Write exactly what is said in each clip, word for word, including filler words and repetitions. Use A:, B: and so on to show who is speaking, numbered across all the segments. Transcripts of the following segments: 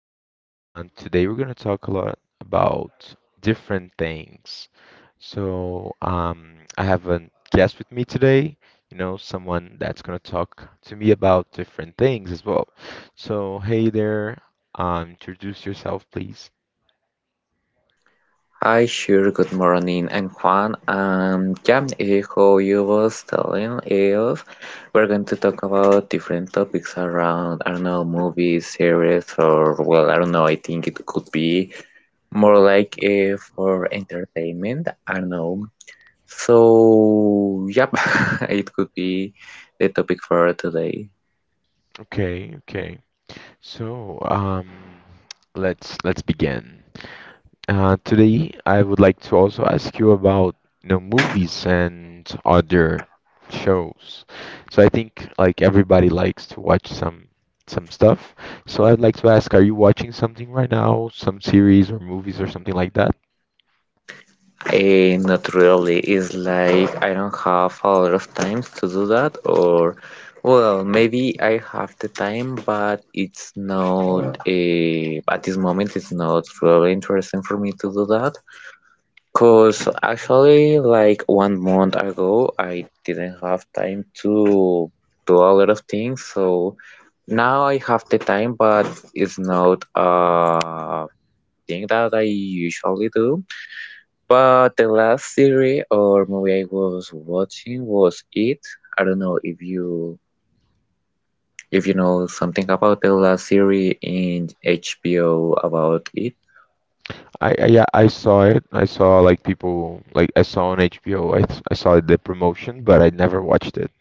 A: And uh, today we're going to talk a lot about different things. So, um, I have a guest with me today, you know, someone that's going to talk to me about different things as well. So, hey there, um, introduce yourself, please.
B: Hi, sure, good morning. And Juan. Um, yeah, eh, how you was telling us, we're going to talk about different topics around, I don't know, movies, series, or, well, I don't know, I think it could be more like uh, for entertainment, I don't know. So, yep, it could be the topic for today.
A: Okay, okay. So, um, let's let's begin. Uh, today, I would like to also ask you about you know movies and other shows. So I think like everybody likes to watch some some stuff. So I'd like to ask, are you watching something right now, some series or movies or something like that?
B: Eh, not really. It's like I don't have a lot of times to do that, or well, maybe I have the time, but it's not eh, at this moment. It's not really interesting for me to do that. Cause actually, like one month ago, I didn't have time to do a lot of things. So now I have the time, but it's not a thing that I usually do. But the last series or movie I was watching was It. I don't know if you if you know something about the last series in H B O about it.
A: I, I yeah, I saw it. I saw like people like I saw on H B O. I th I saw the promotion, but I never watched it.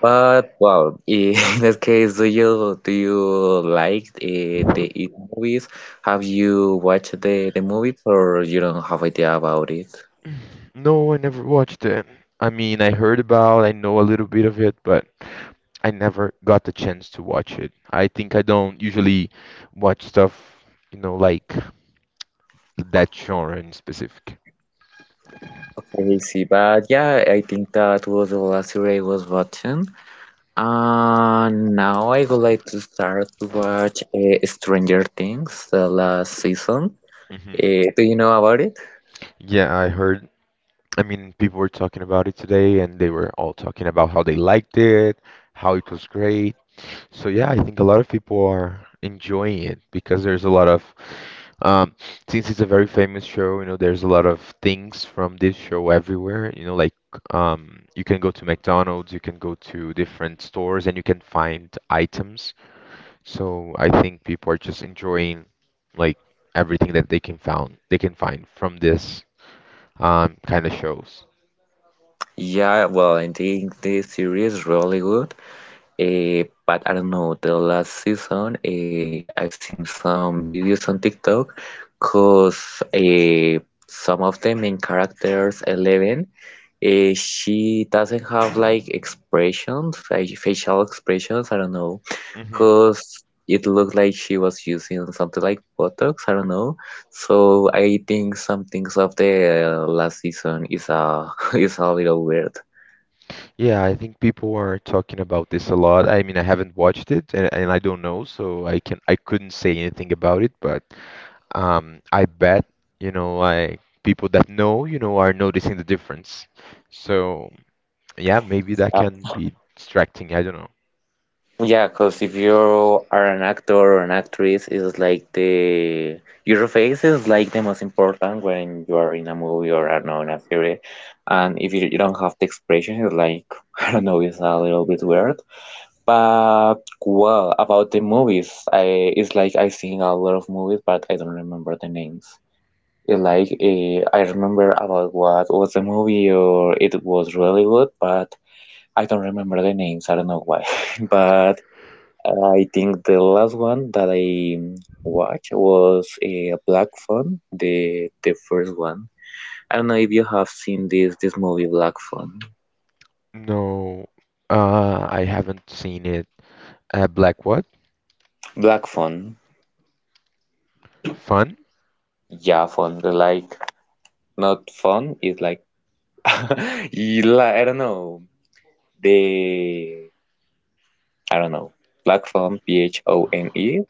B: But well, in that case, do you do you like uh, the It movies? Have you watched the the movies or you don't have idea about it?
A: No, I never watched it. I mean, I heard about, I know a little bit of it, but. I never got the chance to watch it. I think I don't usually watch stuff, you know, like that genre in specific.
B: Okay, see, but yeah, I think that was the last series I was watching. Uh, now I would like to start to watch uh, Stranger Things, the last season.
A: Hmm.
B: Uh, do you know about it?
A: Yeah, I heard. I mean, people were talking about it today, and they were all talking about how they liked it, how it was great. So yeah, I think a lot of people are enjoying it because there's a lot of. Um, since it's a very famous show, you know, there's a lot of things from this show everywhere. You know, like um, you can go to McDonald's, you can go to different stores, and you can find items. So I think people are just enjoying like everything that they can found they can find from this um, kind of shows.
B: Yeah, well, I think this series is really good. Eh, but I don't know, the last season, eh, I've seen some videos on TikTok because eh, some of the main characters, Eleven, eh, she doesn't have like expressions, fa facial expressions, I don't know,
A: Hmm.
B: because it looked like she was using something like Botox, I don't know. So I think some things of the uh, last season is a is a little weird.
A: Yeah, I think people are talking about this a lot. I mean, I haven't watched it, and, and I don't know, so I can I couldn't say anything about it, but. Um, I bet, you know, like people that know, you know, are noticing the difference. So yeah, maybe that can be distracting. I don't know.
B: Yeah, because if you are an actor or an actress, it's like the your face is like the most important when you are in a movie or I don't know in a series. And if you, you don't have the expression, it's like I don't know, it's a little bit weird. But well, about the movies, I it's like I seen a lot of movies, but I don't remember the names. It's like uh, I remember about what was the movie or it was really good, but I don't remember the names. I don't know why, but. I think the last one that I mm, watched was a uh, Black Phone, the the first one. I don't know if you have seen this this movie Black Phone.
A: No, uh, I haven't seen it. Uh, Black what?
B: Black Phone,
A: Fun?
B: yeah, phone. The Like not fun. It's like you li- I don't know the I don't know Black Phone. P H O N E.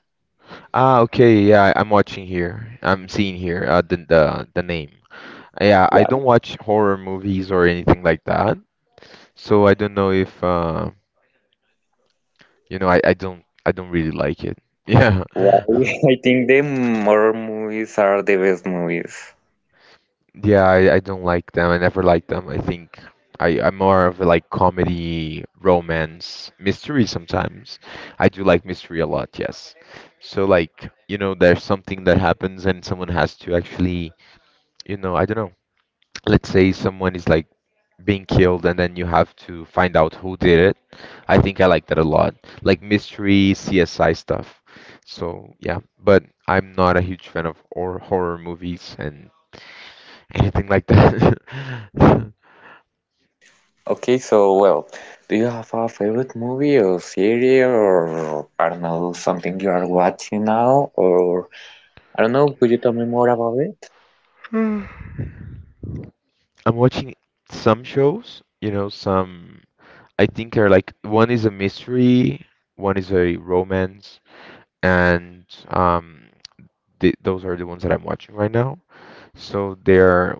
A: Ah, okay. Yeah, I- I'm watching here. I'm seeing here uh, the the the name. Yeah, I
B: Yeah.
A: don't watch horror movies or anything like that, so I don't know if uh, you know, I I don't I don't really like it. Yeah.
B: Why? I think the more movies are the best movies.
A: Yeah, I, I don't like them. I never liked them. I think I, I'm more of a, like comedy, romance, mystery sometimes. I do like mystery a lot, yes. So like, you know, there's something that happens and someone has to actually, you know, I don't know. Let's say someone is like being killed and then you have to find out who did it. I think I like that a lot. Like mystery, C S I stuff. So yeah, but I'm not a huge fan of or horror movies and anything like that.
B: Okay, so well, do you have a favorite movie or series or I don't know, something you are watching now or I don't know, could you tell me more about it?
A: I'm watching some shows, you know, some I think are like one is a mystery, one is a romance, and um, th those are the ones that I'm watching right now. So they're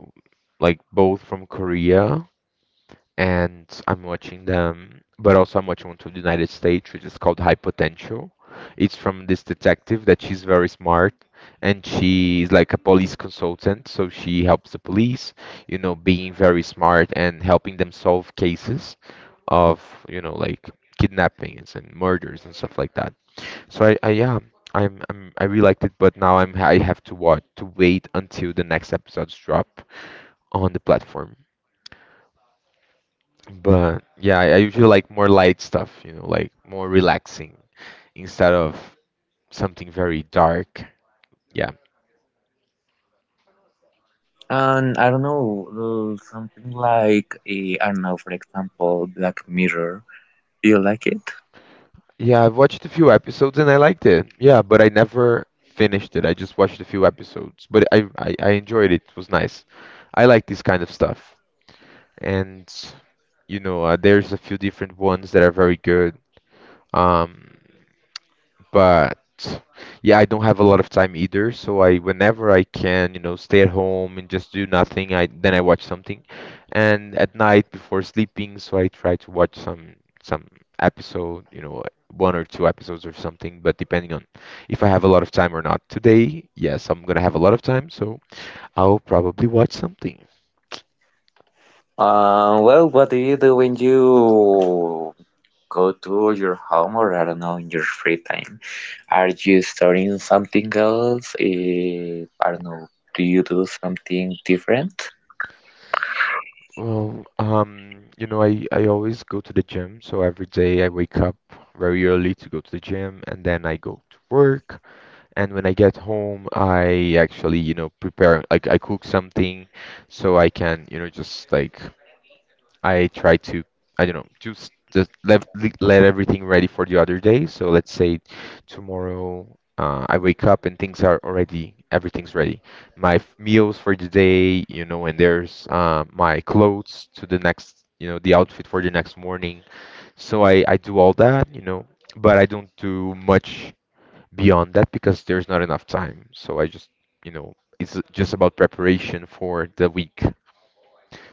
A: like both from Korea and I'm watching them, but also I'm watching one to the United States, which is called High Potential. It's from this detective that she's very smart and she's like a police consultant, so she helps the police, you know, being very smart and helping them solve cases of, you know, like kidnappings and murders and stuff like that. So I, I yeah, I'm, I'm I really liked it, but now I'm I have to watch to wait until the next episodes drop on the platform. But yeah, I I usually like more light stuff, you know, like more relaxing instead of something very dark. Yeah.
B: And I don't know, uh, something like eh, I don't know, for example, Black Mirror. Do you like it?
A: Yeah, I've watched a few episodes and I liked it. Yeah, but I never finished it. I just watched a few episodes, but I I, I enjoyed it. It was nice. I like this kind of stuff. And you know, uh, there's a few different ones that are very good. Um, But yeah, I don't have a lot of time either, so I whenever I can, you know, stay at home and just do nothing, I then I watch something. And at night before sleeping, so I try to watch some some episode, you know, one or two episodes or something, but depending on if I have a lot of time or not. Today, yes, I'm gonna have a lot of time, so I'll probably watch something.
B: Uh, well, what do you do when you go to your home or I don't know, in your free time? Are you studying something else? Eh, I don't know, do you do something different?
A: Well, um, you know, I, I always go to the gym, so every day I wake up very early to go to the gym and then I go to work. And when I get home, I actually, you know, prepare, like I cook something so I can, you know, just like I try to, I don't know, just just let let everything ready for the other day. So let's say tomorrow, uh, I wake up and things are already, everything's ready. My f- meals for the day, you know, and there's uh, my clothes to the next, you know, the outfit for the next morning. So I I do all that, you know, but I don't do much beyond that because there's not enough time. So I just, you know, it's just about preparation for the week.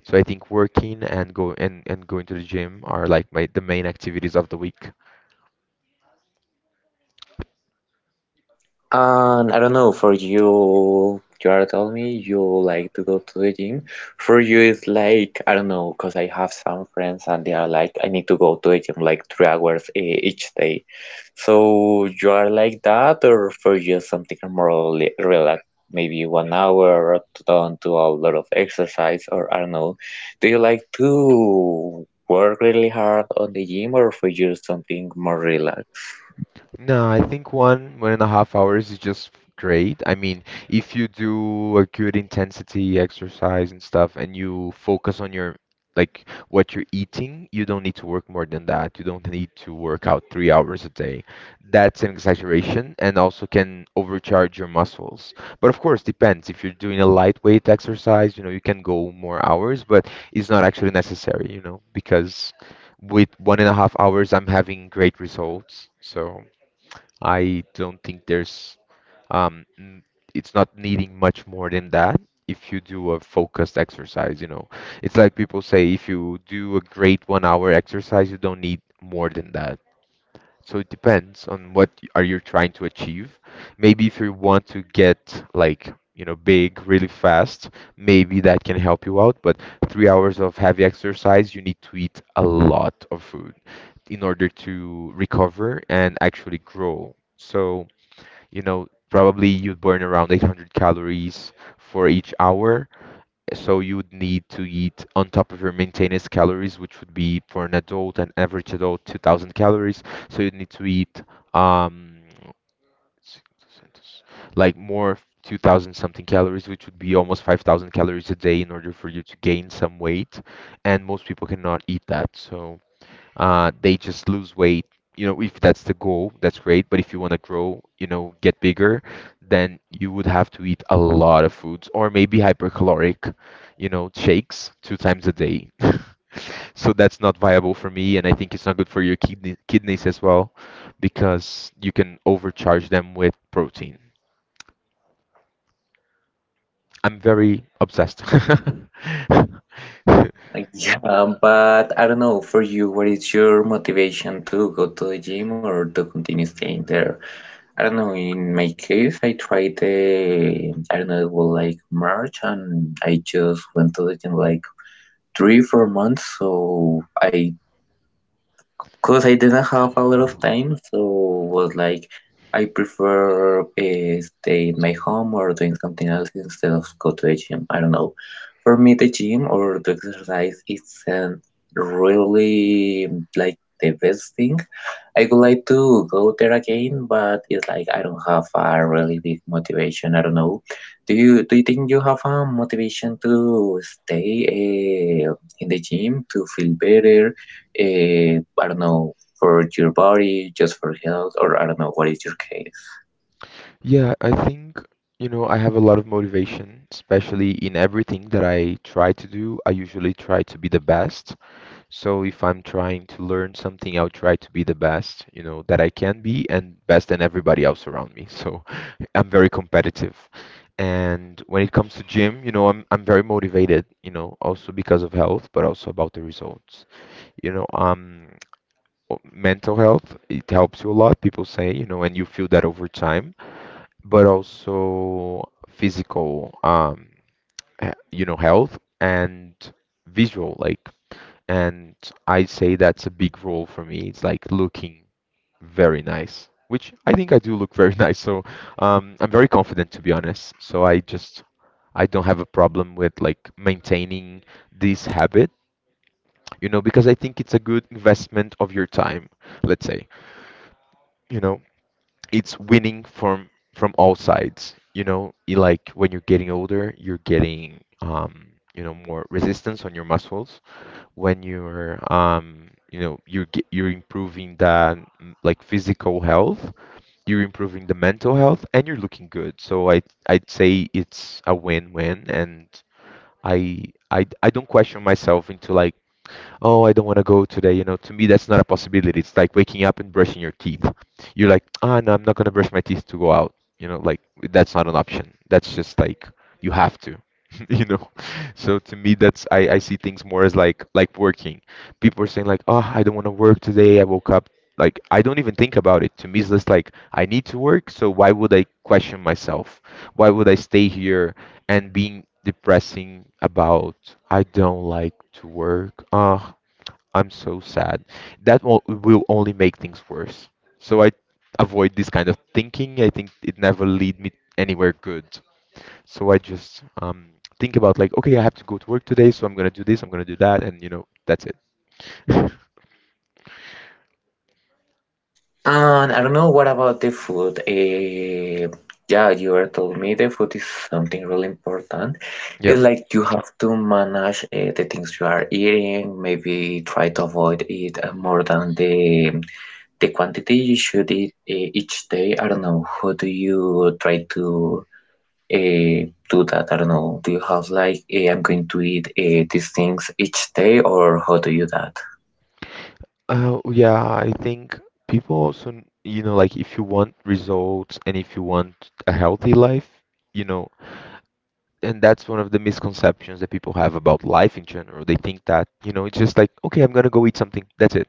A: So I think working and go and, and going to the gym are like my the main activities of the week.
B: And I don't know, for you, you are telling me you like to go to the gym. For you, it's like, I don't know, because I have some friends and they are like, I need to go to the gym like three hours e- each day. So you are like that, or for you, something more rela- relaxed, maybe one hour up to down to a lot of exercise, or I don't know. Do you like to work really hard on the gym, or for you, something more relaxed?
A: No, I think one one and a half hours is just great. I mean, if you do a good intensity exercise and stuff, and you focus on your like what you're eating, you don't need to work more than that. You don't need to work out three hours a day. That's an exaggeration, and also can overcharge your muscles. But of course, depends. If you're doing a lightweight exercise, you know, you can go more hours, but it's not actually necessary, you know, because with one and a half hours, I'm having great results. So. I don't think there's um n- it's not needing much more than that if you do a focused exercise, you know. It's like people say if you do a great one hour exercise, you don't need more than that. So it depends on what y- are you trying to achieve. Maybe if you want to get like, you know, big really fast, maybe that can help you out, but three hours of heavy exercise, you need to eat a lot of food in order to recover and actually grow. So you know, probably you'd burn around eight hundred calories for each hour. So you would need to eat on top of your maintenance calories, which would be for an adult, an average adult, two thousand calories. So you'd need to eat um, like more two thousand something calories, which would be almost five thousand calories a day in order for you to gain some weight. And most people cannot eat that. So uh, they just lose weight. You know, if that's the goal, that's great. But if you want to grow, you know, get bigger, then you would have to eat a lot of foods or maybe hypercaloric, you know, shakes two times a day. So that's not viable for me, and I think it's not good for your kidney kidneys as well, because you can overcharge them with protein. I'm very obsessed.
B: Yeah, um, but I don't know, for you, what is your motivation to go to the gym or to continue staying there? I don't know, in my case, I tried the, I don't know, it was like March and I just went to the gym like three, four months, so I Cause I didn't have a lot of time, so was like I prefer uh, stay in my home or doing something else instead of go to a gym. I don't know. For me, the gym or the exercise isn't really like the best thing. I would like to go there again, but it's like I don't have a really big motivation. I don't know. Do you do you think you have a motivation to stay uh, in the gym to feel better? eh, I don't know, for your body, just for health, or I don't know, what is your case?
A: Yeah, I think, you know, I have a lot of motivation, especially in everything that I try to do. I usually try to be the best. So if I'm trying to learn something, I'll try to be the best, you know, that I can be and best than everybody else around me. So I'm very competitive. And when it comes to gym, you know, I'm I'm very motivated, you know, also because of health, but also about the results. You know, um, o- mental health, it helps you a lot, people say, you know, and you feel that over time but also physical, um, he- you know, health and visual, like, and I say that's a big role for me. It's like looking very nice, which I think I do look very nice. So, um, I'm very confident to be honest. So I just, I don't have a problem with like maintaining this habit, you know, because I think it's a good investment of your time, let's say. You know, it's winning from from all sides. You know, You like when you're getting older, you're getting um, you know more resistance on your muscles. When you're um, you know you're ge- you're improving that, mm, like physical health, you're improving the mental health, and you're looking good. So I I'd say it's a win-win, and I I I don't question myself into like oh, I don't want to go today. You know, to me, that's not a possibility. It's like waking up and brushing your teeth. You're like, ah, no, I'm not going to brush my teeth to go out. You know, like that's not an option. That's just like you have to. You know, so to me, that's I, I see things more as like like working. People are saying like, oh, I don't want to work today. I woke up like I don't even think about it. To me, it's just like I need to work, so why would I question myself? Why would I stay here and being depressing about I don't like to work? Ah, I'm so sad. That will, will only make things worse. So I avoid this kind of thinking. I think it never lead me anywhere good. So I just um, think about like, okay, I have to go to work today, so I'm gonna do this, I'm gonna do that, and you know, that's it.
B: And I don't know, what about the food? Eh, yeah, you are telling me the food is something really important.
A: Yeah.
B: It's like you have to manage uh, the things you are eating, maybe try to avoid it uh, more than the the quantity you should eat uh, each day. I don't know, how do you try to eh, do that? I don't know. Do you have like eh, I'm going to eat eh, these things each day, or how do you that?
A: Uh, yeah, I think people also, n- you know, like if you want results and if you want a healthy life, you know, and that's one of the misconceptions that people have about life in general. They think that, you know, it's just like, okay, I'm gonna go eat something. That's it.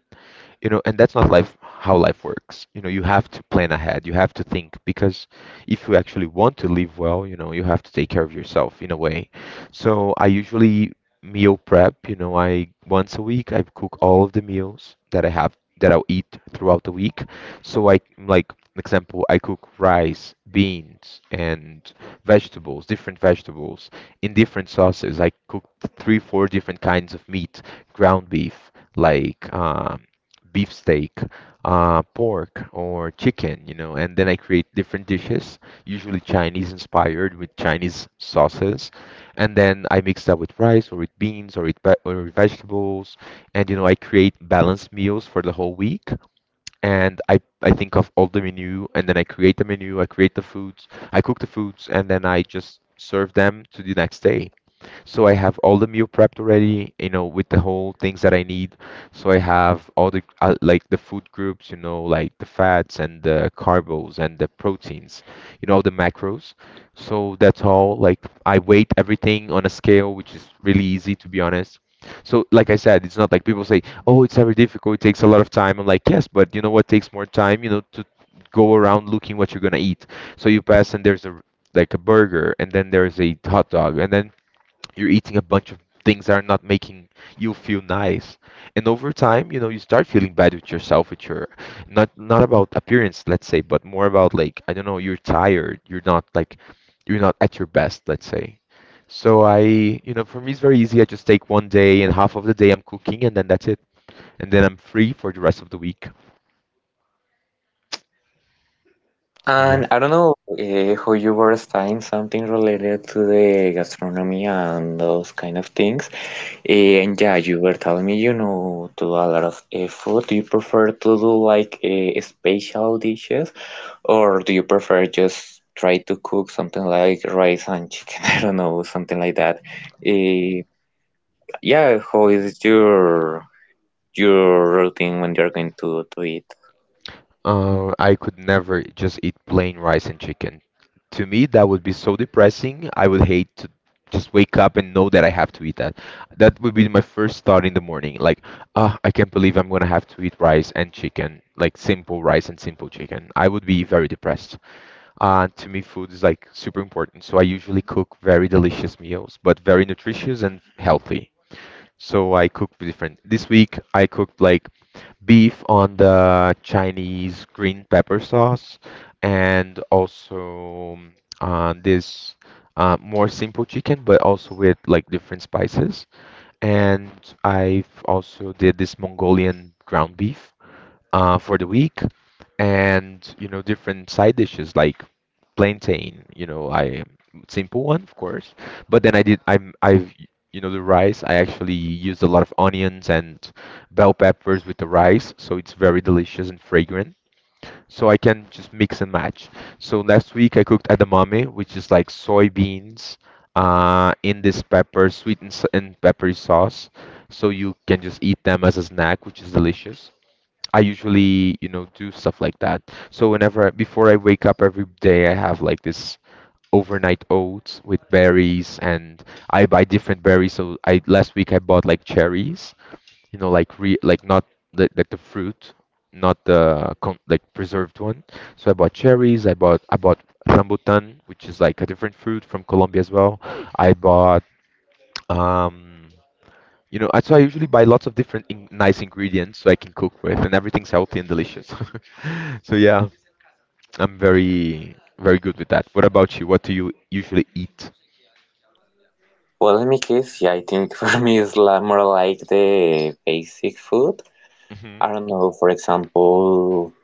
A: You know, and that's not life how life works. You know, you have to plan ahead. You have to think because if you actually want to live well, you know, you have to take care of yourself in a way. So I usually meal prep, you know, I once a week I cook all of the meals that I have that I'll eat throughout the week. So I like example, I cook rice, beans, and vegetables, different vegetables, in different sauces. I cooked three, four different kinds of meat, ground beef, like um, beef steak, uh, pork or chicken, you know, and then I create different dishes, usually Chinese inspired with Chinese sauces, and then I mix that with rice or with beans or with ve- or with vegetables, and you know, I create balanced meals for the whole week and I, I think of all the menu and then I create the menu, I create the foods, I cook the foods, and then I just serve them to the next day. So I have all the meal prepped already, you know, with the whole things that I need. So I have all the uh, like the food groups, you know, like the fats and the carbs and the proteins, you know, the macros. So that's all. Like I weight everything on a scale, which is really easy to be honest. So, like I said, it's not like people say, "Oh, it's very difficult. It takes a lot of time." I'm like, "Yes, but you know what takes more time? You know, to go around looking what you're gonna eat." So you pass, and there's a like a burger, and then there's a hot dog, and then you're eating a bunch of things that are not making you feel nice, and over time, you know, you start feeling bad with yourself, with your not not about appearance, let's say, but more about like, I don't know, you're tired, you're not like you're not at your best, let's say. So I, you know, for me it's very easy. I just take one day and half of the day I'm cooking, and then that's it, and then I'm free for the rest of the week. So yeah.
B: And I don't know eh, how you were studying something related to the gastronomy and those kind of things. Eh, and yeah, you were telling me you know to a lot of eh, food. Do you prefer to do like eh, special dishes, or do you prefer just try to cook something like rice and chicken? I don't know, something like that. Eh, yeah, how is your your routine when you're going to do it?
A: Uh, I could never just eat plain rice and chicken. To me, that would be so depressing. I would hate to just wake up and know that I have to eat that. That would be my first thought in the morning. Like, ah, I can't believe I'm gonna have to eat rice and chicken, like simple rice and simple chicken. I would be very depressed. Uh, to me, food is like super important. So I usually cook very delicious meals, but very nutritious and healthy. So I cook different. This week I cooked like beef on the Chinese green pepper sauce, and also um, uh, this uh, more simple chicken, but also with like different spices. And I've also did this Mongolian ground beef uh, for the week, and you know, different side dishes like plantain, you know, I simple one, of course, but then I did I'm I've you know, the rice, I actually used a lot of onions and bell peppers with the rice, so it's very delicious and fragrant, so I can just mix and match. So last week I cooked edamame, which is like soybeans, uh, in this pepper sweet and, s- and peppery sauce, so you can just eat them as a snack, which is delicious. I usually, you know, do stuff like that. So whenever before I wake up every day, I have like this overnight oats with berries, and I buy different berries. So I last week I bought like cherries, you know, like re like not the, like the fruit, not the con like preserved one. So I bought cherries. I bought I bought rambutan, which is like a different fruit from Colombia as well. I bought um. You know, I- so I usually buy lots of different in nice ingredients so I can cook with, and everything's healthy and delicious. So yeah, I'm very very good with that. What about you? What do you usually eat?
B: Well, in my case, yeah, I think for me it's la- more like the basic food.
A: Hmm.
B: I don't know, for example,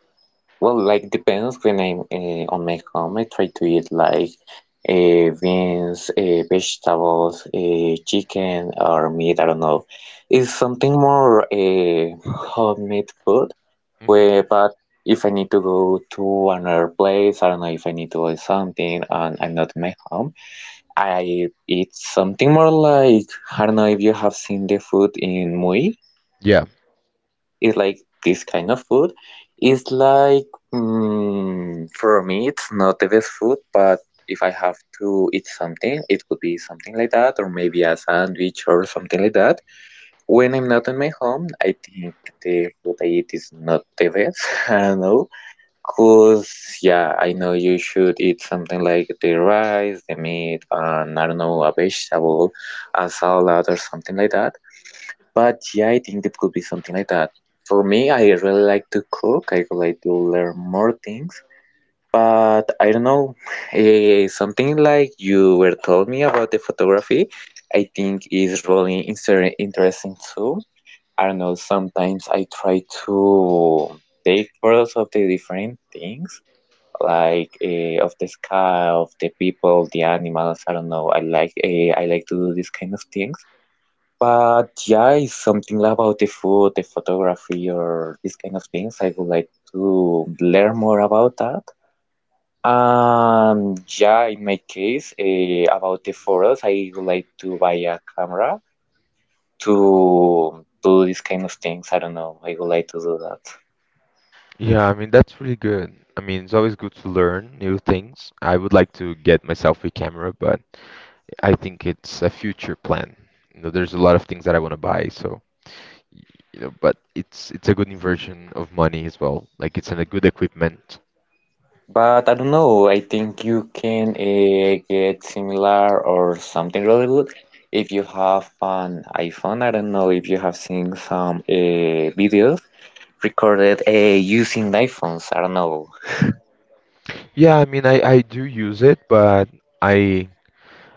B: well, like depends when I'm uh, on my home. I try to eat like uh, beans, uh, vegetables, uh, chicken, or meat. I don't know. It's something more uh, homemade food.
A: Hmm.
B: Where, but if I need to go to another place, I don't know if I need to buy something and I'm not in my home. I eat something more like I don't know if you have seen the food in Mui.
A: Yeah.
B: It's like this kind of food. It's like mm, for me, it's not the best food, but if I have to eat something, it could be something like that, or maybe a sandwich or something like that. When I'm not in my home, I think the food I eat is not the best. I don't know. Cause yeah, I know you should eat something like the rice, the meat, and I don't know, a vegetable, a salad or something like that. But yeah, I think it could be something like that. For me, I really like to cook. I would like to learn more things. But I don't know, eh, something like you were told me about the photography, I think is really inser- interesting too. I don't know, sometimes I try to take photos of the different things like uh, of the sky, of the people, the animals. I don't know. I like uh, I like to do these kind of things. But yeah, it's something about the food, the photography, or these kind of things. I would like to learn more about that. Um, yeah, in my case, uh, about the photos, I would like to buy a camera to do these kind of things. I don't know. I would like to do that.
A: Yeah, I mean that's really good. I mean, it's always good to learn new things. I would like to get myself a camera, but I think it's a future plan. You know, there's a lot of things that I want to buy, so y- you know, but it's it's a good inversion of money as well. Like it's in a good equipment.
B: But I don't know, I think you can uh, get similar or something really good if you have an iPhone. I don't know if you have seen some uh, videos recorded uh, using iPhones. I don't know.
A: Yeah, I mean, I I do use it, but I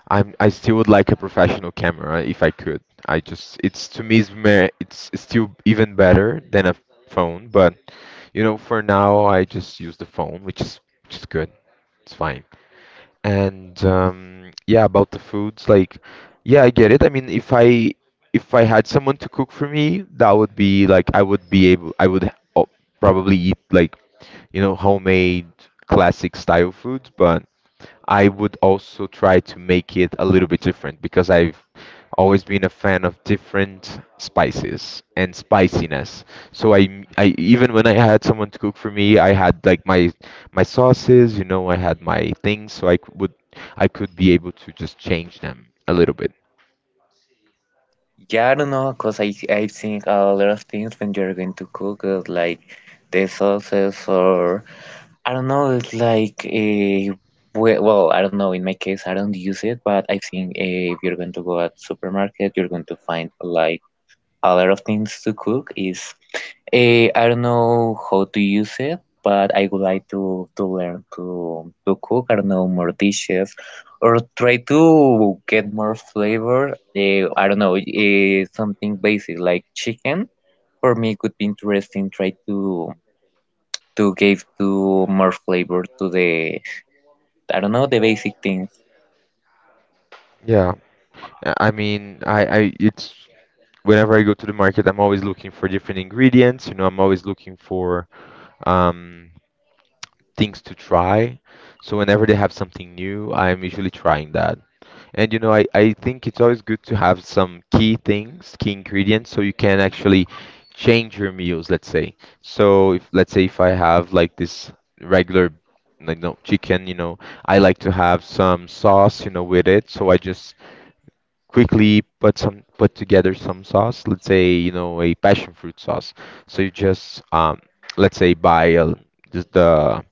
A: I'm I still would like a professional camera if I could. I just it's to me it's mer- it's still even better than a phone, but you know, for now I just use the phone, which is which is good. It's fine. And um, yeah, about the foods, like yeah, I get it. I mean, if I if I had someone to cook for me, that would be like I would be able I would, oh, probably eat like you know, homemade classic style foods, but I would also try to make it a little bit different because I've always been a fan of different spices and spiciness. So I, I even when I had someone to cook for me, I had like my my sauces, you know, I had my things, so I c- would I could be able to just change them a little bit.
B: Yeah, I don't know, because I, I think a lot of things when you're going to cook it, like the sauces or I don't know, it's like a well, I don't know. In my case, I don't use it, but I think eh, if you're going to go at supermarket, you're going to find like a lot of things to cook is eh, I don't know how to use it, but I would like to to learn to to cook. I don't know more dishes or try to get more flavor. Eh, I don't know eh, something basic like chicken. For me, it could be interesting. Try to to give to more flavor to the I don't know the basic things.
A: Yeah. Uh, I mean, I, I it's whenever I go to the market, I'm always looking for different ingredients. You know, I'm always looking for um things to try. So whenever they have something new, I am usually trying that. And you know, I, I think it's always good to have some key things, key ingredients, so you can actually change your meals, let's say. So if let's say if I have like this regular like no chicken, you know, I like to have some sauce, you know, with it. So I just quickly put some put together some sauce, let's say, you know, a passion fruit sauce. So you just um let's say buy a, just the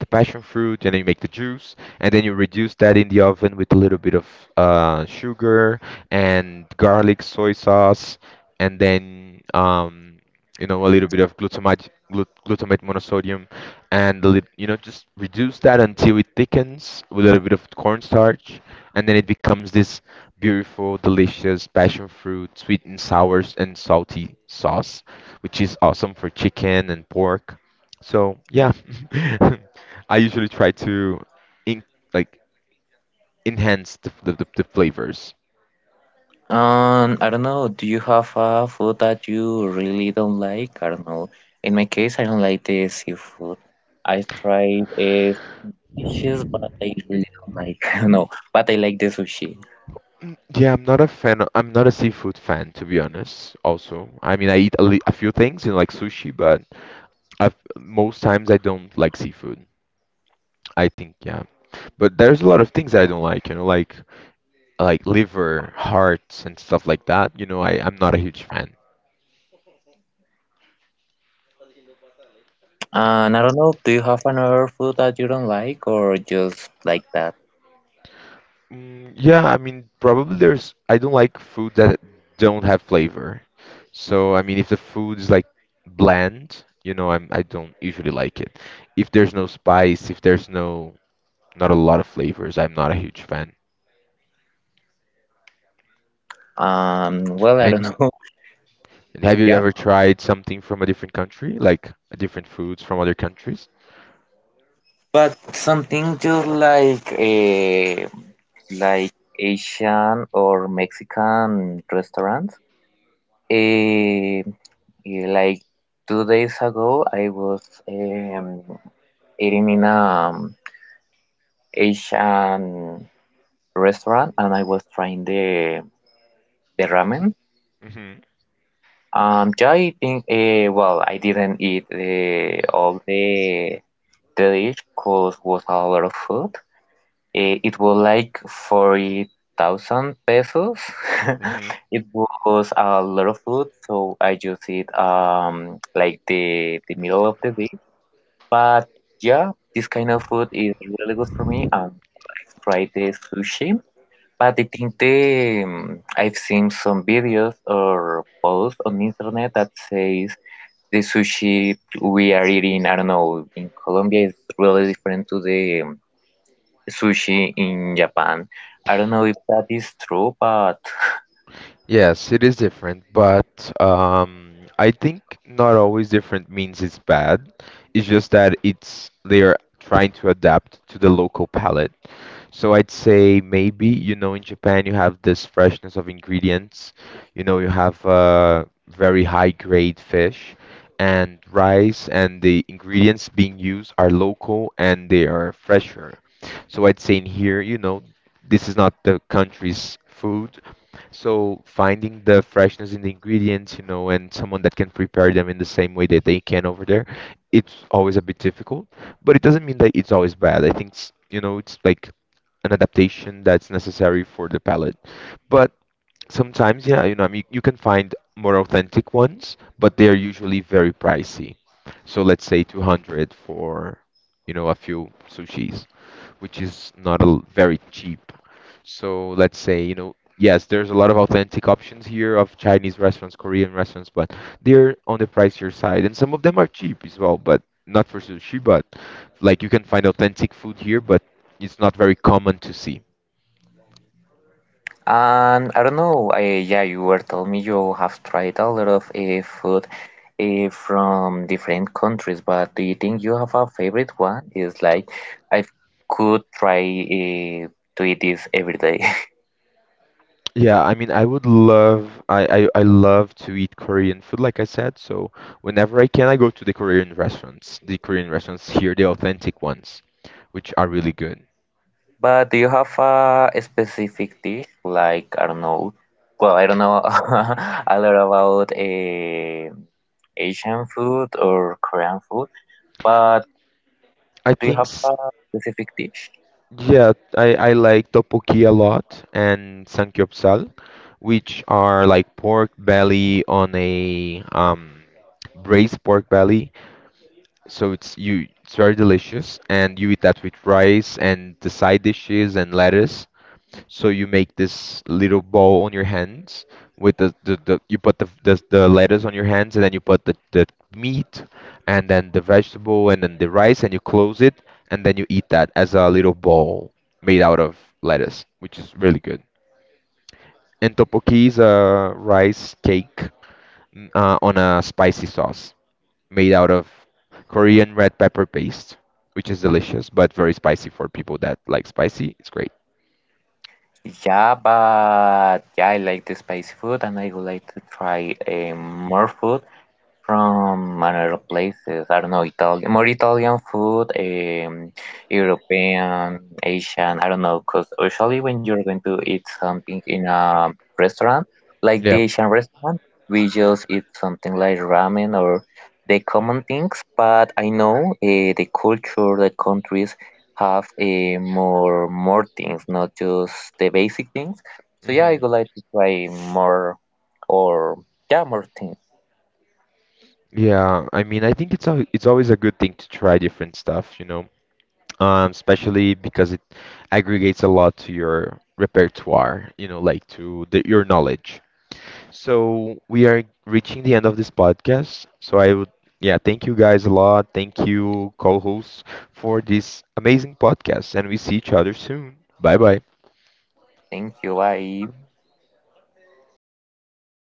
A: the passion fruit, and then you make the juice, and then you reduce that in the oven with a little bit of uh, sugar and garlic, soy sauce, and then um, you know, a little bit of glutamate glut- glutamate monosodium, and a lit- you know, just reduce that until it thickens with a little bit of cornstarch, and then it becomes this beautiful, delicious passion fruit, sweet and sour and salty sauce, which is awesome for chicken and pork. So yeah. I usually try to in, like enhance the, the, the, the flavors.
B: Um, I don't know. Do you have a food that you really don't like? I don't know. In my case, I don't like the seafood. I tried uh, fishes, but I really don't like. I don't know. But I like the sushi.
A: Yeah, I'm not a fan. I'm not a seafood fan, to be honest. Also, I mean, I eat a, li- a few things, you know, like sushi, but I've, most times I don't like seafood. I think, yeah. But there's a lot of things that I don't like, you know, like like liver, hearts, and stuff like that. You know, I, I'm not a huge fan.
B: And I don't know. Do you have another food that you don't like, or just like that?
A: Mm, yeah, I mean, probably there's. I don't like food that don't have flavor. So I mean, if the food is like bland, you know, I'm I don't usually like it. If there's no spice, if there's no not a lot of flavors, I'm not a huge fan.
B: Um, well, I don't
A: And,
B: know.
A: and have you
B: Yeah,
A: ever tried something from a different country, like a different foods from other countries?
B: but something just like a like Asian or Mexican restaurants. Eh, eh, like two days ago, I was um, eating in a um, Asian restaurant, and I was trying the the ramen.
A: Mm-hmm.
B: Um, yeah, I think, uh, well, I didn't eat uh, all the the dish because was a lot of food. Eh, It was like forty thousand pesos. It was a lot of food, so I used it um, like the the middle of the day. But yeah, this kind of food is really good for me. And well, I've tried the sushi, but I think the um, I've seen some videos or posts on the internet that says the sushi we are eating, I don't know, in Colombia is really different to the um, sushi in Japan. I don't know if that is true, but
A: Yes, it is different, but um, I think not always different means it's bad. It's just that it's they are trying to adapt to the local palate. So I'd say maybe, you know, in Japan you have this freshness of ingredients. You know, you have uh, very high grade fish and rice, and the ingredients being used are local and they are fresher. So I'd say in here, you know, this is not the country's food, so finding the freshness in the ingredients, you know, and someone that can prepare them in the same way that they can over there, it's always a bit difficult, but it doesn't mean that it's always bad. I think, s- you know, it's like an adaptation that's necessary for the palate. But sometimes, yeah, you know, I mean, you can find more authentic ones, but they are usually very pricey. So let's say two hundred for, you know, a few sushis, which is not a very cheap. So let's say, you know, yes, there's a lot of authentic options here of Chinese restaurants, Korean restaurants, but they're on the pricier side, and some of them are cheap as well, but not for sushi, but like you can find authentic food here, but it's not very common to see.
B: and I don't know. I, yeah, you were telling me you have tried a lot of uh, food uh, from different countries, but do you think you have a favorite one? It's like I could try uh, to eat this every day.
A: Yeah, I mean, I would love, I, I, I love to eat Korean food, like I said. So whenever I can, I go to the Korean restaurants. The Korean restaurants here, the authentic ones, which are really good.
B: But do you have a specific dish? Like I don't know. Well, I don't know a lot about uh, Asian food or Korean food. But
A: I
B: do you
A: think
B: have
A: s-
B: a specific dish?
A: Yeah, I, I like tteokbokki a lot and samgyeopsal, which are like pork belly on a um, braised pork belly. So it's you it's very delicious and you eat that with rice and the side dishes and lettuce. So you make this little ball on your hands with the, the, the you put the, the the lettuce on your hands and then you put the, the meat and then the vegetable and then the rice and you close it and then you eat that as a little ball made out of lettuce, which is really good. And tteokbokki is a rice cake mm, uh, on a spicy sauce made out of Korean red pepper paste, which is delicious but very spicy for people that like spicy. It's great.
B: Yeah, but yeah, I like the spicy food and I would like to try um, more food. From other places. I don't know, Italian, more Italian food, um, European, Asian. I don't know, because usually when you're going to eat something in a restaurant, like the
A: Yeah.
B: Asian restaurant, we just eat something like ramen or the common things. But I know uh, the culture, the countries have uh, more more things, not just the basic things. So yeah, I
A: Hmm.
B: would like to try more or yeah, more things.
A: Yeah, I mean, I think it's al it's always a good thing to try different stuff, you know, um, especially because it aggregates a lot to your repertoire, you know, like to the, your knowledge. So we are reaching the end of this podcast. So I would, yeah, thank you guys a lot. Thank you, co-hosts, for this amazing podcast, and we see each other soon. Bye bye.
B: Thank you, inculate